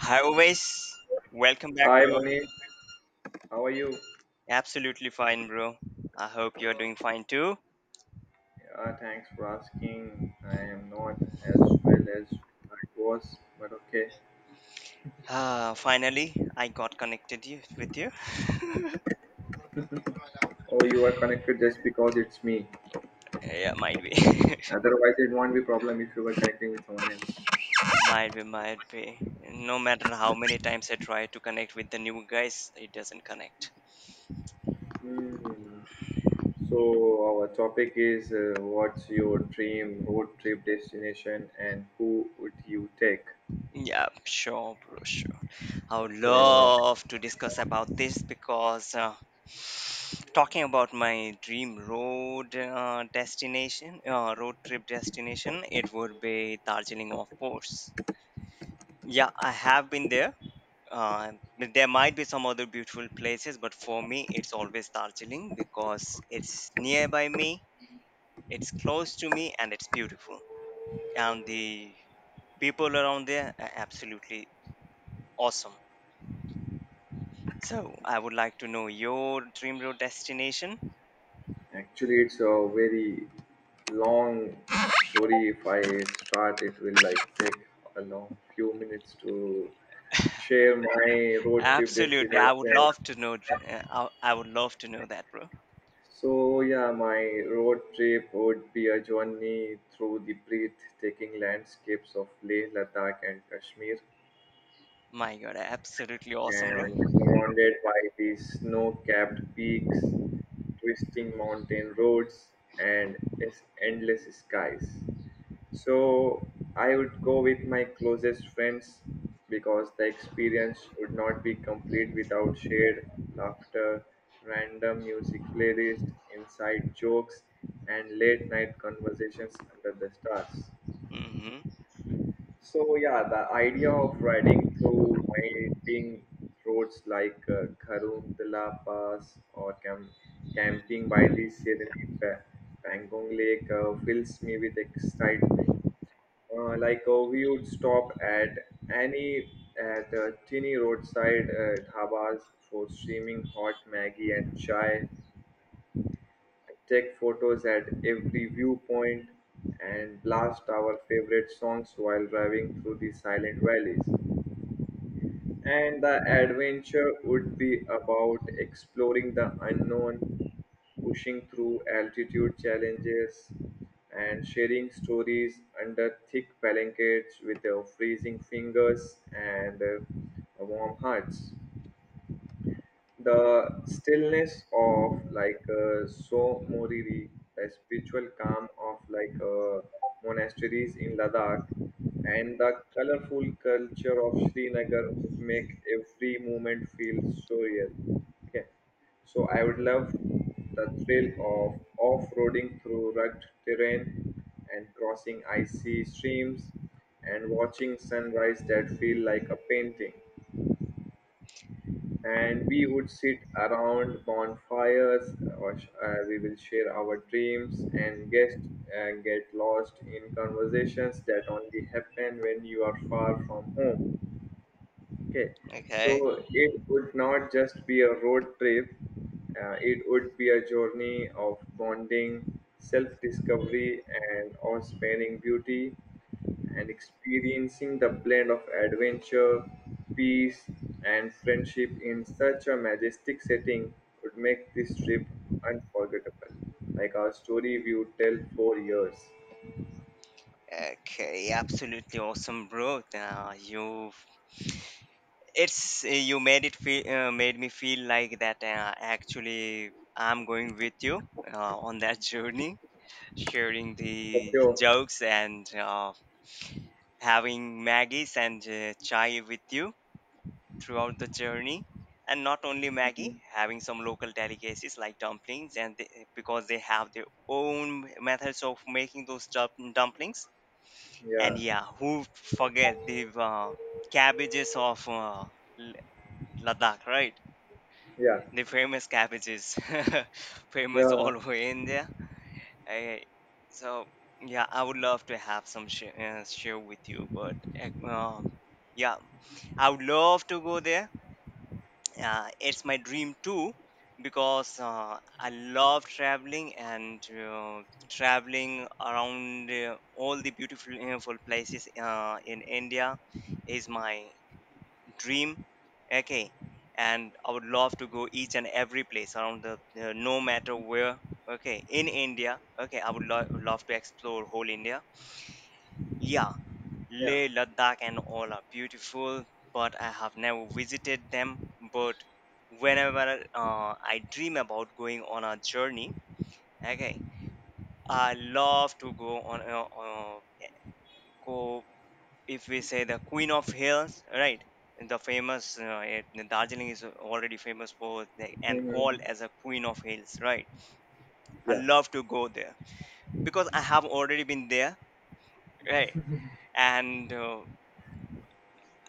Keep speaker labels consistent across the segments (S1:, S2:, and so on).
S1: Hi, always. Welcome back,
S2: Hi
S1: bro.
S2: Manish, how are you?
S1: Absolutely fine, bro. I hope you're doing fine too.
S2: Yeah, thanks for asking. I am not as well as I was, but okay.
S1: Ah, finally, I got connected you with you.
S2: Oh, you are connected just because it's me.
S1: yeah, might be,
S2: Otherwise, it won't be problem if you were connecting with someone else.
S1: might be, might be. No matter how many times I try to connect with the new guys, it doesn't connect.
S2: Hmm. So our topic is what's your dream road trip destination and who would you take?
S1: Yeah, sure, bro, sure. I would
S2: So
S1: love to discuss about this because talking about my dream road destination, road trip destination, it would be Darjeeling, of course. Yeah, I have been there. But there might be some other beautiful places, but for me, it's always Darjeeling because it's nearby me, it's close to me, and it's beautiful. And the people around there are absolutely awesome. So, I would like to know your dream road destination.
S2: actually, it's a very long story. If I start, it will like take a long few minutes to share my road trip
S1: Absolutely, I would
S2: destination.
S1: love to know. I would love to know that, bro.
S2: So yeah, my road trip would be a journey through the breathtaking landscapes of Leh, Ladakh, and Kashmir,
S1: My God, absolutely awesome, bro.
S2: and surrounded by these snow-capped peaks, twisting mountain roads, and its endless skies. So I would go with my closest friends because the experience would not be complete without shared laughter, random music playlist, inside jokes, and late night conversations under the stars.
S1: Mm-hmm.
S2: So yeah, the idea of riding through winding roads like Karundala Pass or camping by the Serene Pa- Pangong Lake fills me with excitement, we would stop at any at teeny roadside dhabas for steaming hot maggi and chai, take photos at every viewpoint and blast our favorite songs while driving through the silent valleys, and the adventure would be about exploring the unknown, pushing through altitude challenges, and sharing stories under thick blankets with freezing fingers and warm hearts, the stillness of Moriri, the spiritual calm of monasteries in Ladakh, and the colorful culture of Srinagar would make every moment feel so real. Okay, so I would love the thrill of off-roading through rugged terrain and crossing icy streams and watching sunrise that feel like a painting, and we would sit around bonfires or we will share our dreams and guest get lost in conversations that only happen when you are far from home. Okay,
S1: Okay.
S2: so it would not just be a road trip, it would be a journey of bonding, self discovery, and awe sparing beauty, and experiencing the blend of adventure, peace, and friendship in such a majestic setting would make this trip unforgettable. Like our story we would tell for years.
S1: Okay, absolutely awesome, bro. You, it's you made it feel, made me feel like that. Actually, I'm going with you on that journey, sharing the
S2: Okay. Oh.
S1: jokes and having Maggie's and chai with you throughout the journey. And not only Maggie,
S2: Mhm.
S1: having some local delicacies like dumplings, and they, because they have their own methods of making those dumplings. And
S2: Yeah.
S1: yeah, who forget the cabbages of L- Ladakh, right?
S2: Yeah.
S1: The famous cabbages, famous all
S2: Yeah.
S1: over India. I, so yeah, I would love to have some share with you, but uh, um, yeah, I would love to go there. Yeah, it's my dream too because I love traveling and traveling around all the beautiful, beautiful places in India is my dream. Okay, and I would love to go each and every place around the no matter where. Okay, in India. Okay, I would love to explore whole India. Yeah,
S2: Yeah.
S1: Leh, Ladakh, and all are beautiful, but I have never visited them. But whenever I dream about going on a journey, okay, I love to go if we say the Queen of Hills, right? The famous Darjeeling is already famous for the, and
S2: Mhm.
S1: called as a Queen of Hills, right? I
S2: Yeah.
S1: love to go there because I have already been there, right? And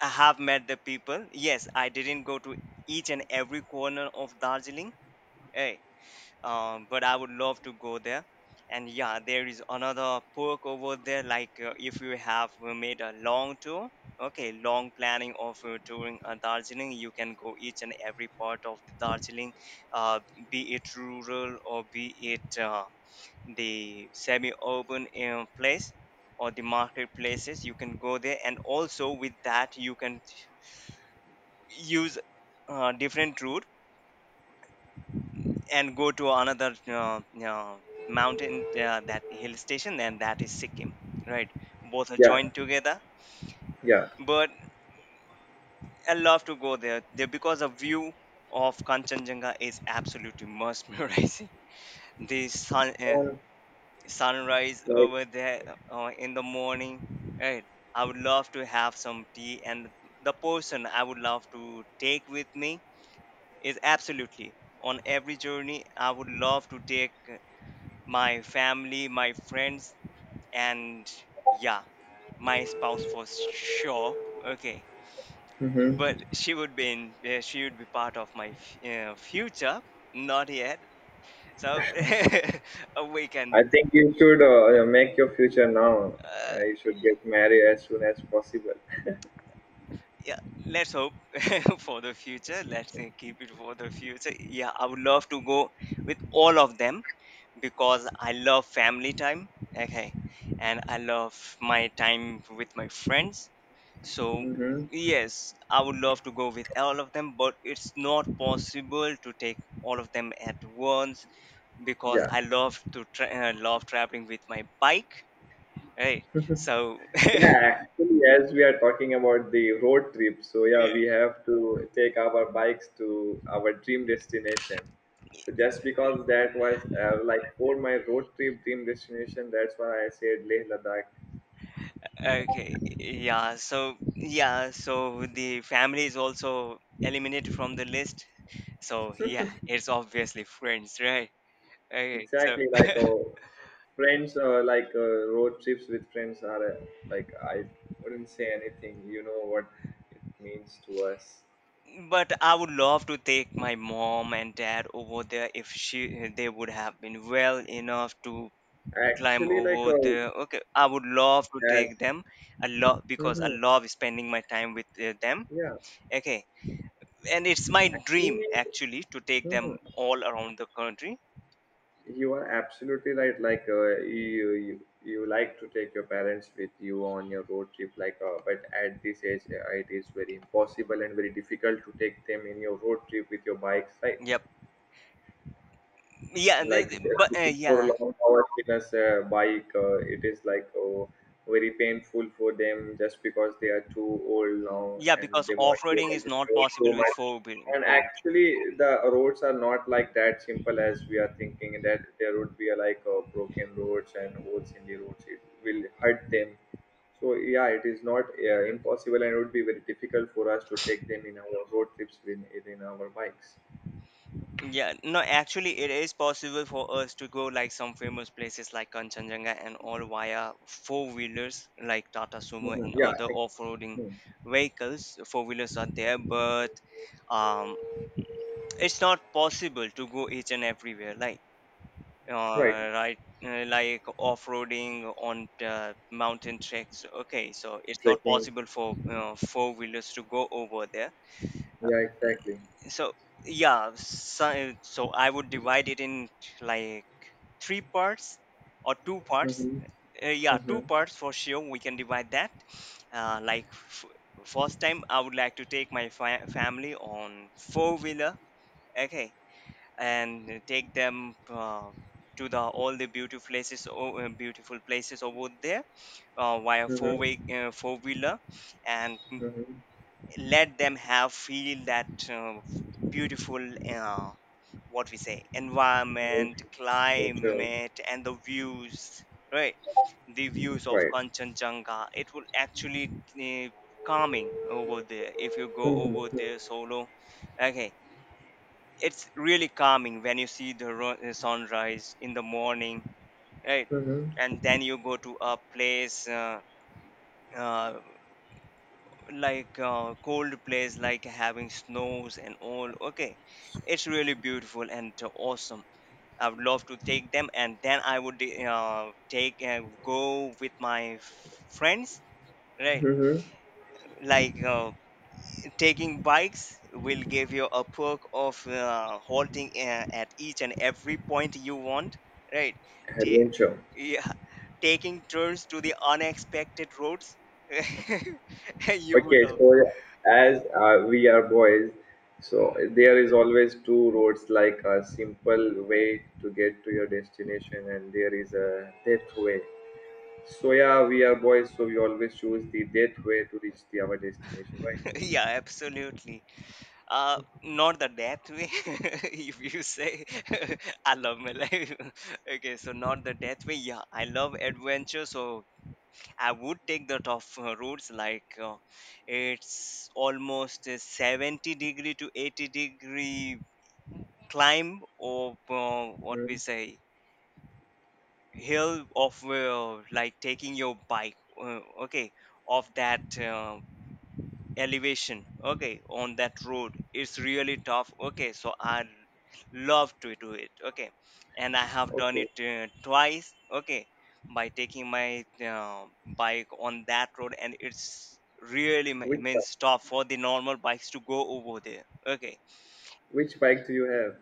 S1: I have met the people. Yes, I didn't go to each and every corner of Darjeeling, eh? But I would love to go there. And yeah, there is another perk over there. Like if you have made a long tour, okay, long planning of touring Darjeeling, you can go each and every part of the Darjeeling, uh, be it rural or be it the semi-urban place or the marketplaces. You can go there, and also with that, you can use different route and go to another mountain that hill station, and that is Sikkim, right? Both are
S2: Yeah,
S1: joined together,
S2: yeah.
S1: but I love to go there because the view of Kanchenjunga is absolutely mesmerizing. The
S2: Um,
S1: sunrise
S2: like,
S1: over there in the morning, right? I would love to have some tea, and the person I would love to take with me is absolutely on every journey I would love to take my family, my friends, and yeah, my spouse for sure. Okay,
S2: hmm
S1: but she would be in she would be part of my future, not yet. So, we
S2: I
S1: can
S2: think you should, yeah, make your future now.
S1: uh,
S2: You should get married as soon as possible.
S1: yeah, let's hope. For the future let's keep it for the future. Yeah, I would love to go with all of them because I love family time, okay, and I love my time with my friends. So,
S2: Hmm.
S1: yes, I would love to go with all of them, but it's not possible to take all of them at once because
S2: Yeah.
S1: I love to love traveling with my bike, right? So, yeah.
S2: Yeah, actually, as we are talking about the road trip, so yeah, we have to take our bikes to our dream destination. So just because that was for my road trip dream destination, that's why I said Leh Ladakh.
S1: Okay, so the family is also eliminated from the list, so yeah, it's obviously friends, right? Okay, so
S2: Exactly, friends, road trips with friends are, I wouldn't say anything. You know what it means to us.
S1: but I would love to take my mom and dad over there if she they would have been well enough to climb
S2: Actually, like
S1: over there. Okay, I would love to
S2: that,
S1: take them a lot because I
S2: hmm
S1: love spending my time with them.
S2: yeah,
S1: Okay, and it's my dream
S2: actually,
S1: actually to take
S2: hmm,
S1: them all around the country.
S2: you are absolutely right. Like, you, you like to take your parents with you on your road trip. But at this age, it is very impossible and very difficult to take them in your road trip with your bikes, right?
S1: Yep. Yeah,
S2: Like
S1: they- but
S2: looking for
S1: yeah,
S2: long hours in a bike, it is like, oh, very painful for them just because they are too old now
S1: yeah,
S2: and
S1: because
S2: they won't be
S1: off-roading
S2: able
S1: is
S2: to
S1: not
S2: travel
S1: possible
S2: so
S1: with
S2: much, and
S1: four wheel.
S2: actually the roads are not like that simple as we are thinking. That there would be a, like, broken roads and holes in the roads, it will hurt them. So yeah, it is not impossible, and it would be very difficult for us to take them in our road trips in our bikes.
S1: Yeah, no, actually, it is possible for us to go like some famous places like Kanchenjunga and all via four wheelers like Tata Sumo
S2: Mhm.
S1: and other
S2: Yeah.
S1: off roading
S2: Hmm.
S1: vehicles. Four wheelers are there, but um, it's not possible to go each and everywhere. Like,
S2: Right.
S1: uh, right, like off roading on the mountain tracks. Okay, so it's not
S2: Trekking.
S1: possible for four wheelers to go over there.
S2: Yeah, exactly.
S1: So yeah, so I would divide it in like three parts or two parts.
S2: Mm-hmm.
S1: Uh, yeah,
S2: Mm-hmm.
S1: two parts for sure we can divide that. Uh, like first time I would like to take my family on four wheeler, okay, and take them to the all the beautiful places over there uh, via
S2: Mm-hmm.
S1: four way uh, four wheeler, and
S2: Mm-hmm.
S1: let them have feel that beautiful, uh, what we say,
S2: Nature.
S1: environment,
S2: Nature.
S1: climate, and the views, right? The views of
S2: Right.
S1: Kanchenjunga, it will actually uh, calming over there if you go over
S2: Mm-hmm.
S1: there solo. Okay, it's really calming when you see the sunrise in the morning, right?
S2: Mm-hmm.
S1: And then you go to a place uh, like cold place like having snows and all. Okay, it's really beautiful and awesome. I would love to take them, and then I would take and go with my friends, right?
S2: Mm-hmm.
S1: Like taking bikes will give you a perk of halting at each and every point you want, right? Ta-
S2: Adventure.
S1: yeah, taking turns to the unexpected roads, you would
S2: Okay,
S1: love.
S2: so as we are boys, so there is always two roads, like a simple way to get to your destination, and there is a death way. So yeah, we are boys, so we always choose the death way to reach the our destination, right?
S1: Yeah, absolutely. Uh, not the death way, if you say. I love my life. Okay, so not the death way. Yeah, I love adventure, so I would take the tough routes. Like it's almost a 70 degree to 80 degree climb, or what we
S2: Hmm.
S1: say, hill of like taking your bike. Okay, of that elevation, okay, on that road it's really tough. Okay, so I love to do it, okay, and I have done
S2: Okay.
S1: it twice, okay, by taking my bike on that road, and it's really
S2: Which bike?
S1: means tough for the normal bikes to go over there. Okay,
S2: Which bike do you have?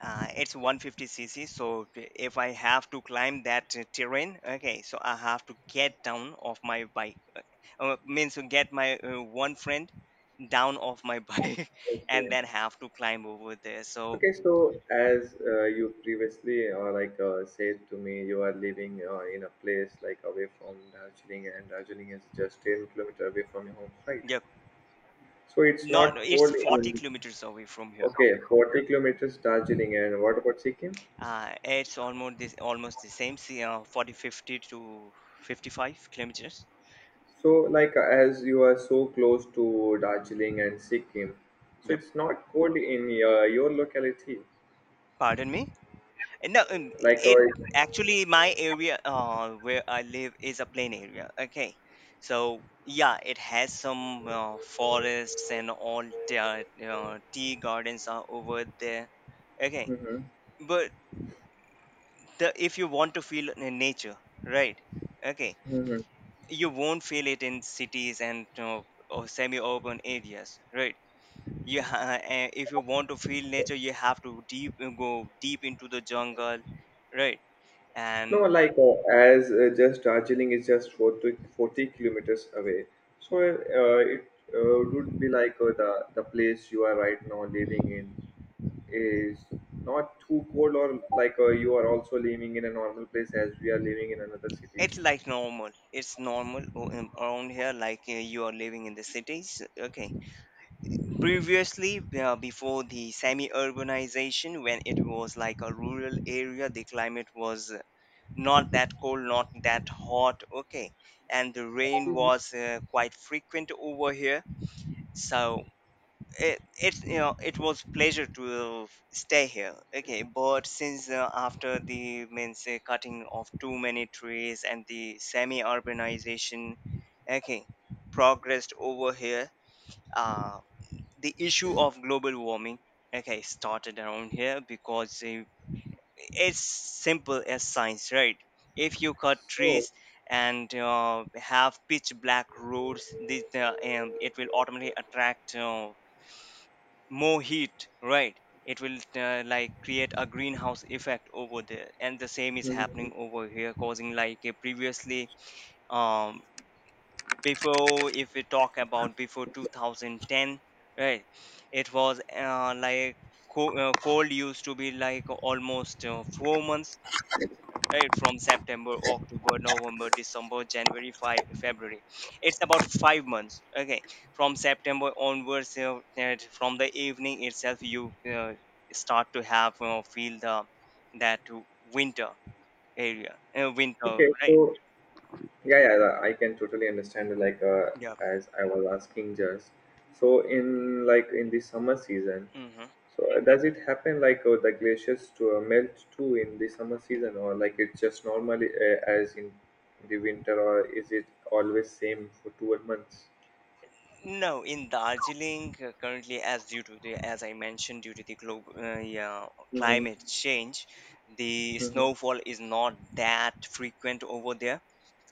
S1: it's 150cc, so if I have to climb that terrain, okay, so I have to get down off my bike. Means to get my one friend down off my bike and
S2: Okay.
S1: then have to climb over there. So,
S2: Okay. So, as you previously said to me, you are living in a place like away from Darjeeling, and Darjeeling is just 10 kilometer away from your home, right?
S1: yeah,
S2: So it's
S1: not
S2: not
S1: it's
S2: cold
S1: 40
S2: in.
S1: kilometers away from here.
S2: Okay, 40 kilometers Darjeeling, and what about Sikkim?
S1: It's almost this almost the same, see, 40, 50 to 55 kilometers.
S2: So, like, as you are so close to Darjeeling and Sikkim, so
S1: Yep,
S2: it's not cold in your locality,
S1: pardon me. No,
S2: like,
S1: it actually my area where I live is a plain area. Okay, so yeah, it has some forests and all the tea gardens are over there. Okay,
S2: mm-hmm.
S1: but the, if you want to feel in nature, right? Okay,
S2: Mm-hmm.
S1: you won't feel it in cities and you or semi-urban areas, right? You if you want to feel nature, you have to deep go deep into the jungle, right?
S2: No,
S1: And
S2: like, as just Darjeeling is just forty kilometers away, so, it would be like, the place you are right now living in is not too cold, or like, you are also living in a normal place as we are living in another city.
S1: it's
S2: So,
S1: like normal. It's normal around here, like you are living in the cities. Okay. Previously, before the semi urbanization, when it was like a rural area, the climate was not that cold, not that hot. Okay. And the rain was quite frequent over here. So it's it was pleasure to stay here. Okay, but since after the means cutting of too many trees and the semi urbanization, okay, progressed over here. uh, the issue of global warming, okay, started around here because it's simple as science, right? If you cut
S2: so
S1: trees and have pitch black roads it will automatically attract more heat, right? It will like create a greenhouse effect over there, and the same is
S2: mhm.
S1: happening over here causing like a previously... um before, if we talk about before 2010, right? It was like cold used to be like almost 4 months, right? From September, October, November, December, January, February. It's about 5 months. Okay, from September onwards you... and from the evening itself you start to have feel the... that winter area winter,
S2: okay, so,
S1: right?
S2: yeah, yeah, I can totally understand. Like,
S1: Yeah.
S2: as I was asking, just so in like in the summer season,
S1: Hmm.
S2: so does it happen like the glaciers to melt too in the summer season, or like it's just normally as in the winter, or is it always same for 12 months?
S1: No, in Darjeeling, currently, as due to the, as I mentioned, due to the global, yeah,
S2: Mm-hmm.
S1: climate change, the
S2: Mm-hmm.
S1: snowfall is not that frequent over there.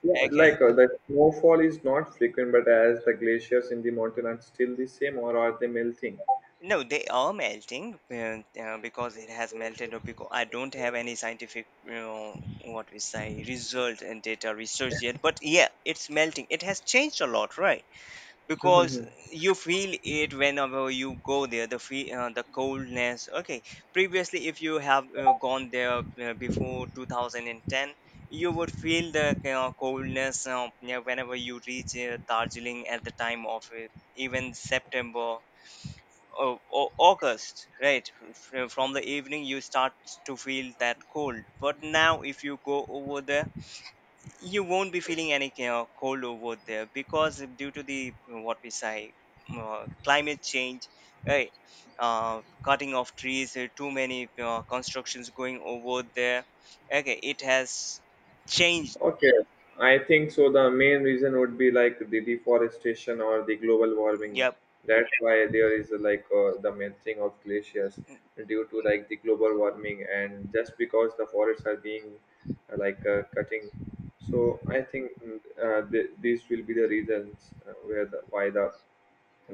S2: Yeah,
S1: Okay.
S2: the snowfall is not frequent, but as the glaciers in the mountain are still the same, or are they melting?
S1: No, they are melting because it has melted or because I don't have any scientific, what we say, result and data research yet. But yeah, it's melting. It has changed a lot, right? Because
S2: Mm-hmm.
S1: you feel it whenever you go there, the fe the coldness. Okay, previously, if you have gone there before 2010, you would feel the coldness, yeah, whenever you reach Darjeeling at the time of it, even September, August, right? From the evening, you start to feel that cold. But now, if you go over there, you won't be feeling any cold over there because due to the what we say climate change, right? Cutting of trees, too many constructions going over there. Okay, it has changed.
S2: Okay, I think so. The main reason would be like the deforestation or the global warming.
S1: Yep,
S2: That's why there is like the melting of glaciers due to like the global warming, and just because the forests are being, cutting. So I think, these will be the reasons where the, why the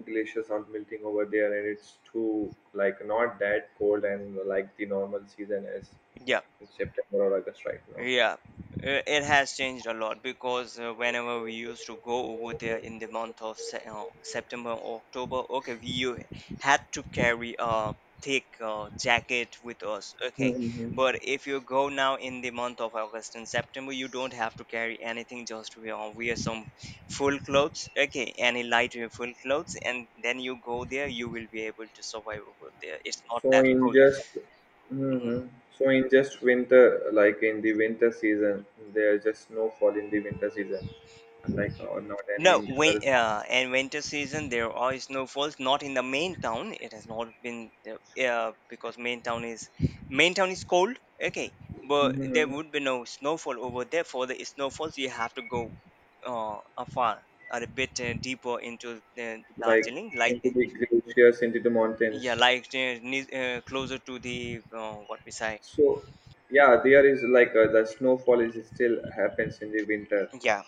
S2: glaciers are melting over there, and it's too like not that cold, and like the normal season is
S1: yeah.
S2: in September or August right now.
S1: Yeah, it has changed a lot because whenever we used to go over there in the month of September or October, okay, had to carry a thick jacket with us, okay.
S2: Mhm.
S1: But if you go now in the month of August and September, you don't have to carry anything, just wear some full clothes, okay, any light full clothes, and then you go there, you will be able to survive over there. It's not
S2: So
S1: that
S2: in
S1: cold.
S2: just
S1: Mm.
S2: mhm. So in just winter, like in the winter season, there's just no fall in the winter season, like or not any
S1: No,
S2: in
S1: when
S2: another seasons.
S1: and winter season there are snowfalls. Not in the main town. It has not been because main town is cold. Okay, but there
S2: Hmm.
S1: would be no snowfall over there. For the snowfalls, you have to go afar or a bit deeper into
S2: Like
S1: Darjeeling, like...
S2: into the glaciers, into the
S1: yeah,
S2: mountains.
S1: like closer to the what we say.
S2: So yeah, there is like, the snowfall is still happens in the winter.
S1: Yeah,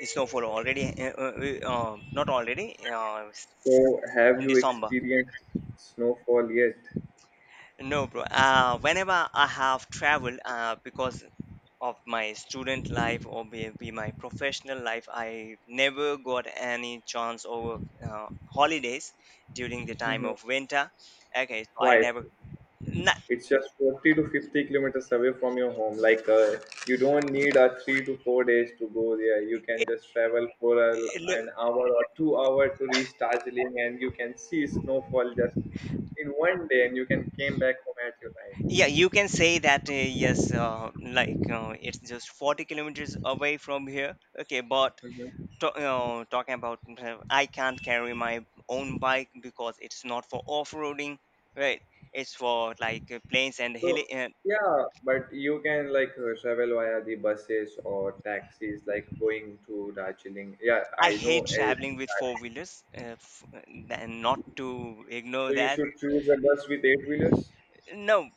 S1: the snowfall already. Not already.
S2: So have
S1: In
S2: you
S1: December.
S2: experienced snowfall yet?
S1: No, bro. Whenever I have traveled, because of my student life or maybe my professional life, I never got any chance over holidays during the time
S2: Hmm.
S1: of winter. Okay, so I
S2: Why?
S1: never. Na-
S2: It's just 40 to 50 kilometers away from your home. Like, you don't need a 3 to 4 days to go there. You can
S1: it,
S2: just travel for a,
S1: it,
S2: an
S1: look-
S2: hour or 2 hour to reach Darjeeling, and you can see snowfall just in one day, and you can came back home at your time.
S1: yeah, you can say that. Yes, like it's just 40 kilometers away from here. Okay, but
S2: Mhm.
S1: to, talking about I can't carry my own bike because it's not for off-roading, right? It's for like plains and
S2: So
S1: hilly.
S2: yeah, but you can like, travel via the buses or taxis, like going to Darjeeling. Yeah,
S1: I
S2: I know.
S1: hate traveling with four wheelers, and not to ignore
S2: So you
S1: that.
S2: should choose a bus with eight wheelers.
S1: No,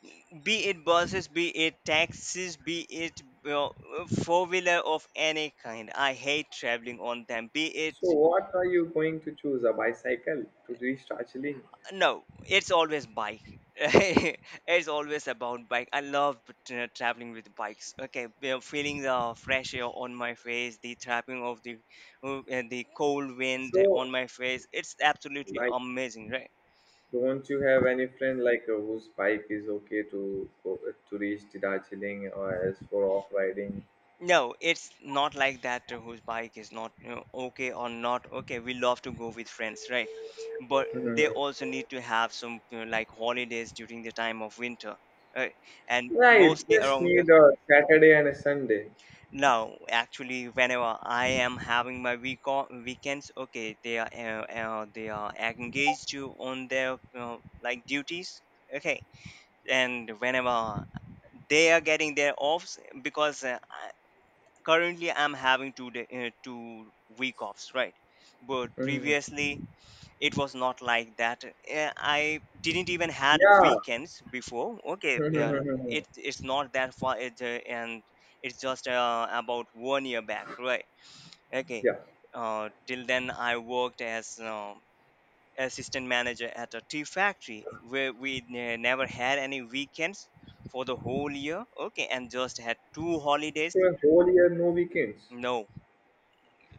S1: be it buses, be it taxis, be it four wheeler of any kind. I hate traveling on them. Be it...
S2: So, what are you going to choose? A bicycle to reach Darjeeling?
S1: No, it's always bike. It's always about bike. I love traveling with bikes. Okay, feeling the fresh air on my face, the trapping of uh, the cold wind
S2: So,
S1: on my face. It's absolutely
S2: like,
S1: amazing, right?
S2: don't you have any friend like, whose bike is okay to go, to reach the Darjeeling or as for off riding?
S1: No, it's not like that. Whose bike is not okay or not okay. We love to go with friends, right? But they also need to have some like holidays during the time of winter, right? And
S2: Right,
S1: mostly
S2: just
S1: around here.
S2: need a Saturday and a Sunday.
S1: No, actually, whenever I am having my week on weekends, okay, they are engaged to on their like duties, okay, and whenever they are getting their offs, because currently I'm having 2 week offs, right? But
S2: Hmm.
S1: previously it was not like that. Eh, I didn't even had
S2: Yeah.
S1: weekends before. Okay, well, it's not that far, and it's just about one year back, right? Okay,
S2: yeah.
S1: till then I worked as assistant manager at a tea factory where we never had any weekends for the whole year, okay, and just had two holidays.
S2: So, a whole year, no weekends.
S1: No,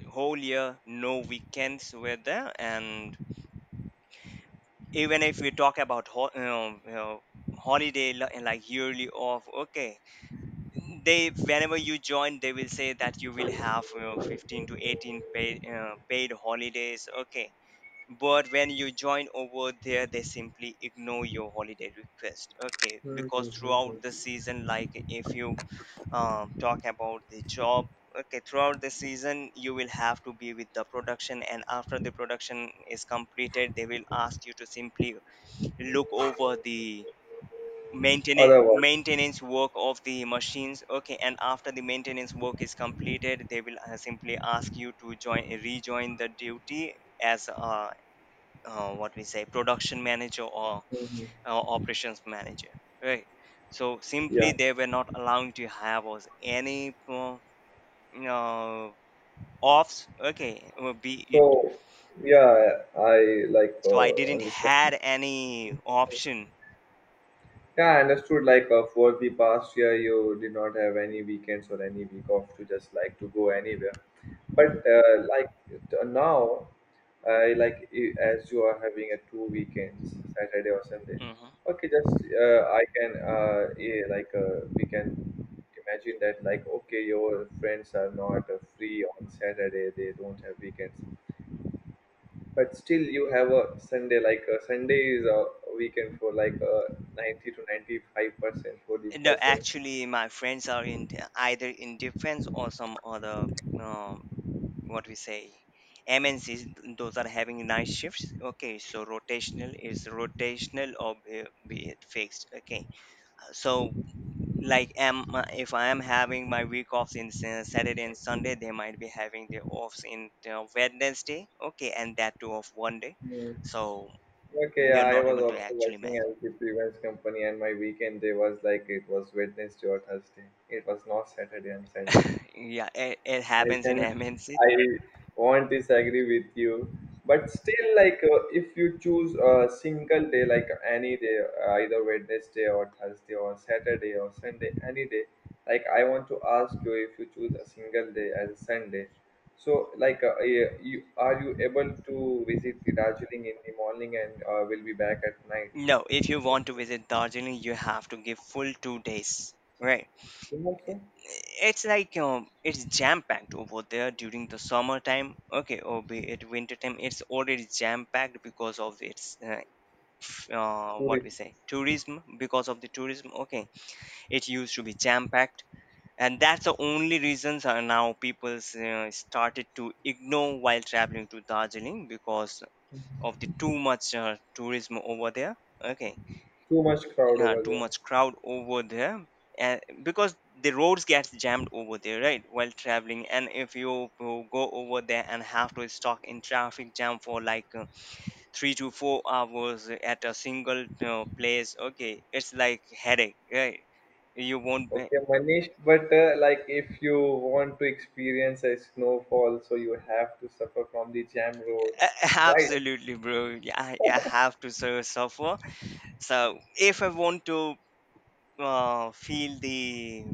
S1: whole year no weekends were there. And even if we talk about holiday and like yearly off, okay, they whenever you join they will say that you will have 15 to 18 paid holidays, okay, but when you join over there they simply ignore your holiday request, okay, because throughout the
S2: Mhm.
S1: season, like if you talk about the job, okay, throughout the season you will have to be with the production, and after the production is completed they will ask you to simply look over the
S2: Otherwise.
S1: maintenance work of the machines, okay, and after the maintenance work is completed they will simply ask you to join rejoin the duty as what we say production manager or
S2: Mhm.
S1: operations manager, right? So
S2: Yeah.
S1: simply they were not allowing to have us any uh, offs, okay, be it...
S2: So, yeah, I,
S1: so I didn't
S2: understand.
S1: had any option.
S2: Yeah, I understood. Like, for the past year, you did not have any weekends or any week off to just like to go anywhere. But, now, as you are having a 2 weekends, Saturday or Sunday.
S1: Mm-hmm.
S2: Okay, just, I can eh, like we can imagine that, like, okay, your friends are not free on Saturday; they don't have weekends, but still you have a Sunday, like a Sunday is a weekend for like a 90 to 95% for the
S1: No,
S2: persons.
S1: actually, my friends are in either in defense or some other, um, what we say, MNCs. Those are having night shifts. Okay, so rotational is rotational or be it fixed. Okay, so like am if I am having my week offs in Saturday and Sunday, they might be having their offs in you Wednesday. Okay, and that too of one day.
S2: Hmm.
S1: So
S2: Okay,
S1: we are
S2: I
S1: not
S2: was
S1: able to
S2: also
S1: actually
S2: working
S1: match.
S2: at the events company and my weekend day was like it was Wednesday or Thursday, it was not Saturday and Sunday.
S1: Yeah, it
S2: I
S1: happens in
S2: can,
S1: MNC.
S2: I won't disagree with you, but still, like, if you choose a single day, like any day, either Wednesday or Thursday or Saturday or Sunday, any day, like, I want to ask you if you choose a single day as a Sunday. So, like, are you able to visit the Darjeeling in the morning and will be back at night?
S1: No, if you
S2: At your
S1: want to visit Darjeeling, you have to give full 2 days. Right.
S2: home also?
S1: It's like it's jam packed over there during the summertime. Okay, or be it winter time, it's already jam packed because of its what we
S2: Tourist,
S1: say tourism. Because of the tourism, okay, it used to be jam packed, and that's the only reasons are now people's started to ignore while traveling to Darjeeling because of the too much tourism over there. Okay,
S2: too much crowd over
S1: too
S2: there.
S1: much crowd over there, and because the roads gets jammed over there, right, while traveling, and if you go over there and have to stuck in traffic jam for like 3 to 4 hours at a single place, okay, it's like headache, right? You won't be...
S2: Okay, Manish, but, if you want to experience a snowfall, so you have to suffer from the jam road, right?
S1: absolutely bro. Yeah, I have to suffer. So if I want to feel the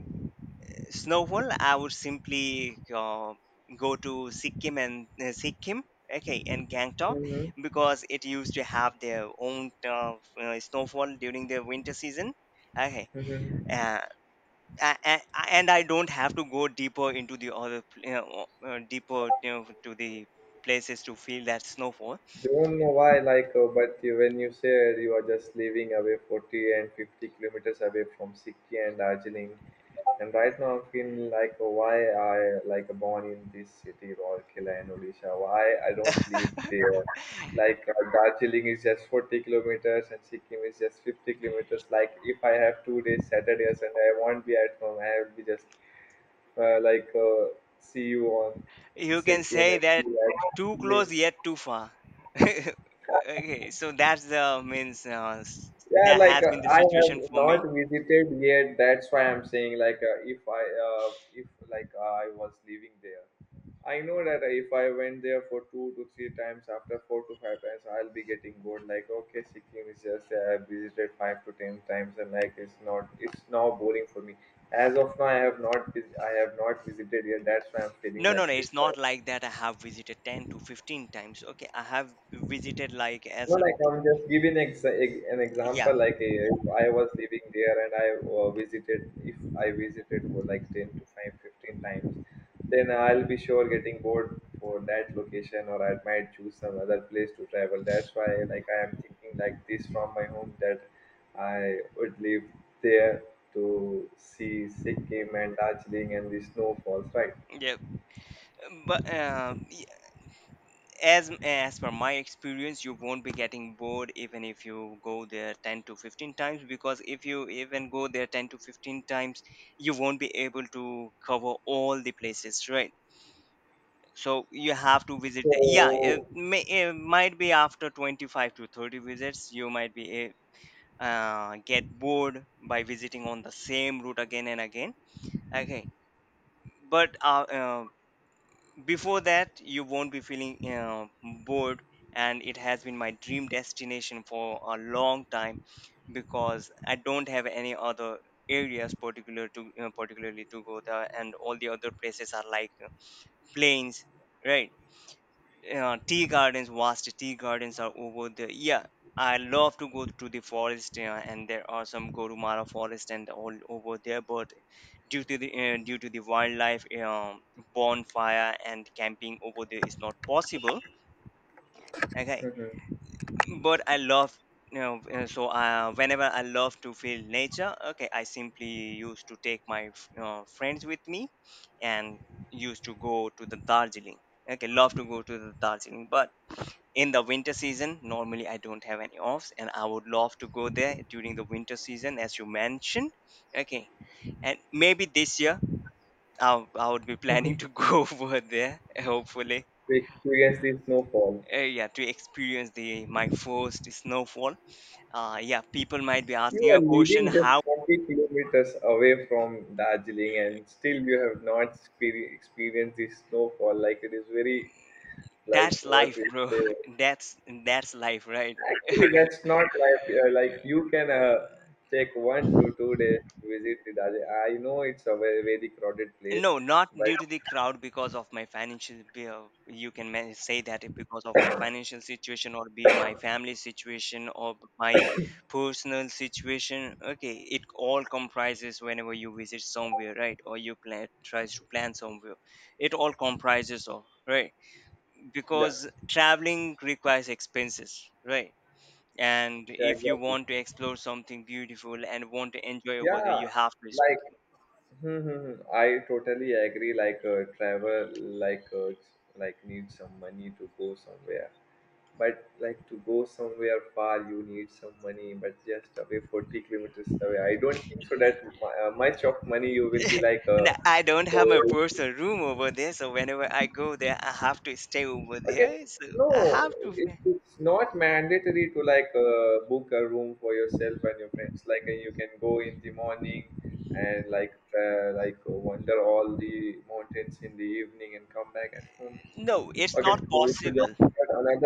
S1: snowfall, I would simply go to Sikkim and okay, and Gangtok
S2: Mm-hmm.
S1: because it used to have their own snowfall during the winter season. Okay,
S2: Mm-hmm.
S1: uh, a- a- and I don't have to go deeper into the other, deeper to the places to feel that snowfall.
S2: Don't know why, like, but you, when you said you are just living away 40 and 50 kilometers away from Sikkim and Darjeeling, and right now I'm feeling like why I like born in this city Rourkela in Odisha. Why I don't live there. Like, Darjeeling is just 40 kilometers and Sikkim is just 50 kilometers. Like if I have 2 days Saturday or Sunday, I won't be at home. I will be just, uh, like uh, see you on
S1: You can
S2: Sikkim
S1: say
S2: and see
S1: that
S2: you at
S1: too
S2: Darjeeling.
S1: close yet too far. okay, so that's the means
S2: Yeah,
S1: that
S2: like,
S1: has been the
S2: I have
S1: situation for
S2: not
S1: me.
S2: visited yet. That's why I'm saying like, if I if like I was living there, I know that if I went there for 2 to 3 times after 4 to 5 times, I'll be getting bored. Like okay, Sikkim is just, I visited 5 to 10 times, and like it's not it's now boring for me. As of now, I have not visited yet. That's why I'm feeling
S1: No, no,
S2: like
S1: no.
S2: this.
S1: It's not
S2: Right.
S1: like that. I have visited 10 to 15 times. Okay. I have visited like
S2: No,
S1: as a,
S2: like I'm just giving, an example.
S1: yeah,
S2: Like, if I was living there and I, visited, if I visited for like 10 to 5, 15 times, then I'll be sure getting bored for that location or I might choose some other place to travel. That's why like I am thinking like this from my home that I would live there to see Sikkim and Darjeeling and the snowfalls, right?
S1: yeah. But as per my experience, you won't be getting bored even if you go there 10 to 15 times because if you even go there 10 to 15 times, you won't be able to cover all the places, right? So you have to visit. The, yeah,
S2: So,
S1: it might be after 25 to 30 visits, you might be get bored by visiting on the same route again and again. Okay, but before that you won't be feeling bored, and it has been my dream destination for a long time because I don't have any other areas particular to particularly to go there, and all the other places are like plains, right? Tea gardens, vast tea gardens are over there. Yeah, I love to go to the forest, yeah, and there are some Gorumara forest and all over there. But due to the wildlife, bonfire and camping over there is not possible. Okay,
S2: mhm,
S1: but I love. You know, so whenever I love to feel nature, okay, I simply used to take my friends with me, and used to go to the Darjeeling. Okay, love to go to the Darjeeling, but in the winter season normally I don't have any offs, and I would love to go there during the winter season as you mentioned, okay, and maybe this year I would be planning
S2: mhm,
S1: to go over there hopefully.
S2: experience the snowfall.
S1: Yeah, to experience the my first snowfall. Yeah, people might be
S2: You
S1: asking
S2: are
S1: a question
S2: living
S1: how...
S2: just 40 kilometers away from Darjeeling, and still you have not, experienced the snowfall. Like it is very, like
S1: that's
S2: what
S1: life
S2: we
S1: bro.
S2: say.
S1: that's that's life, right?
S2: Actually, that's not like, yeah, like you can, take 1 to 2 days to visit the Darjeeling. I know it's a very, very crowded place,
S1: No, not
S2: but
S1: due to the crowd because of my financial. You can say that it because of my financial situation, or be my family situation, or my personal situation. Okay, it all comprises whenever you visit somewhere, right? Or you plan tries to plan somewhere. It all comprises of, right?
S2: yeah,
S1: Because traveling requires expenses, right? And
S2: yeah,
S1: if you
S2: exactly.
S1: want to explore something beautiful and want to enjoy over there,
S2: Yeah,
S1: you have to...
S2: like, hmm, hmm, hmm. I totally agree. Like, need some money to go somewhere, but like to go somewhere far, you need some money. But just away 40 kilometers away, I don't think so that, much of money you will be like, uh.
S1: And I don't have my personal room over there, so whenever I go there, I have to stay over
S2: Okay,
S1: there. So I
S2: no,
S1: have to.
S2: it, it's not mandatory to like, book a room for yourself and your friends. Like, you can go in the morning and, wander all the mountains in the evening and come back at home.
S1: No, it's
S2: Okay,
S1: not
S2: so we should just
S1: possible.
S2: start another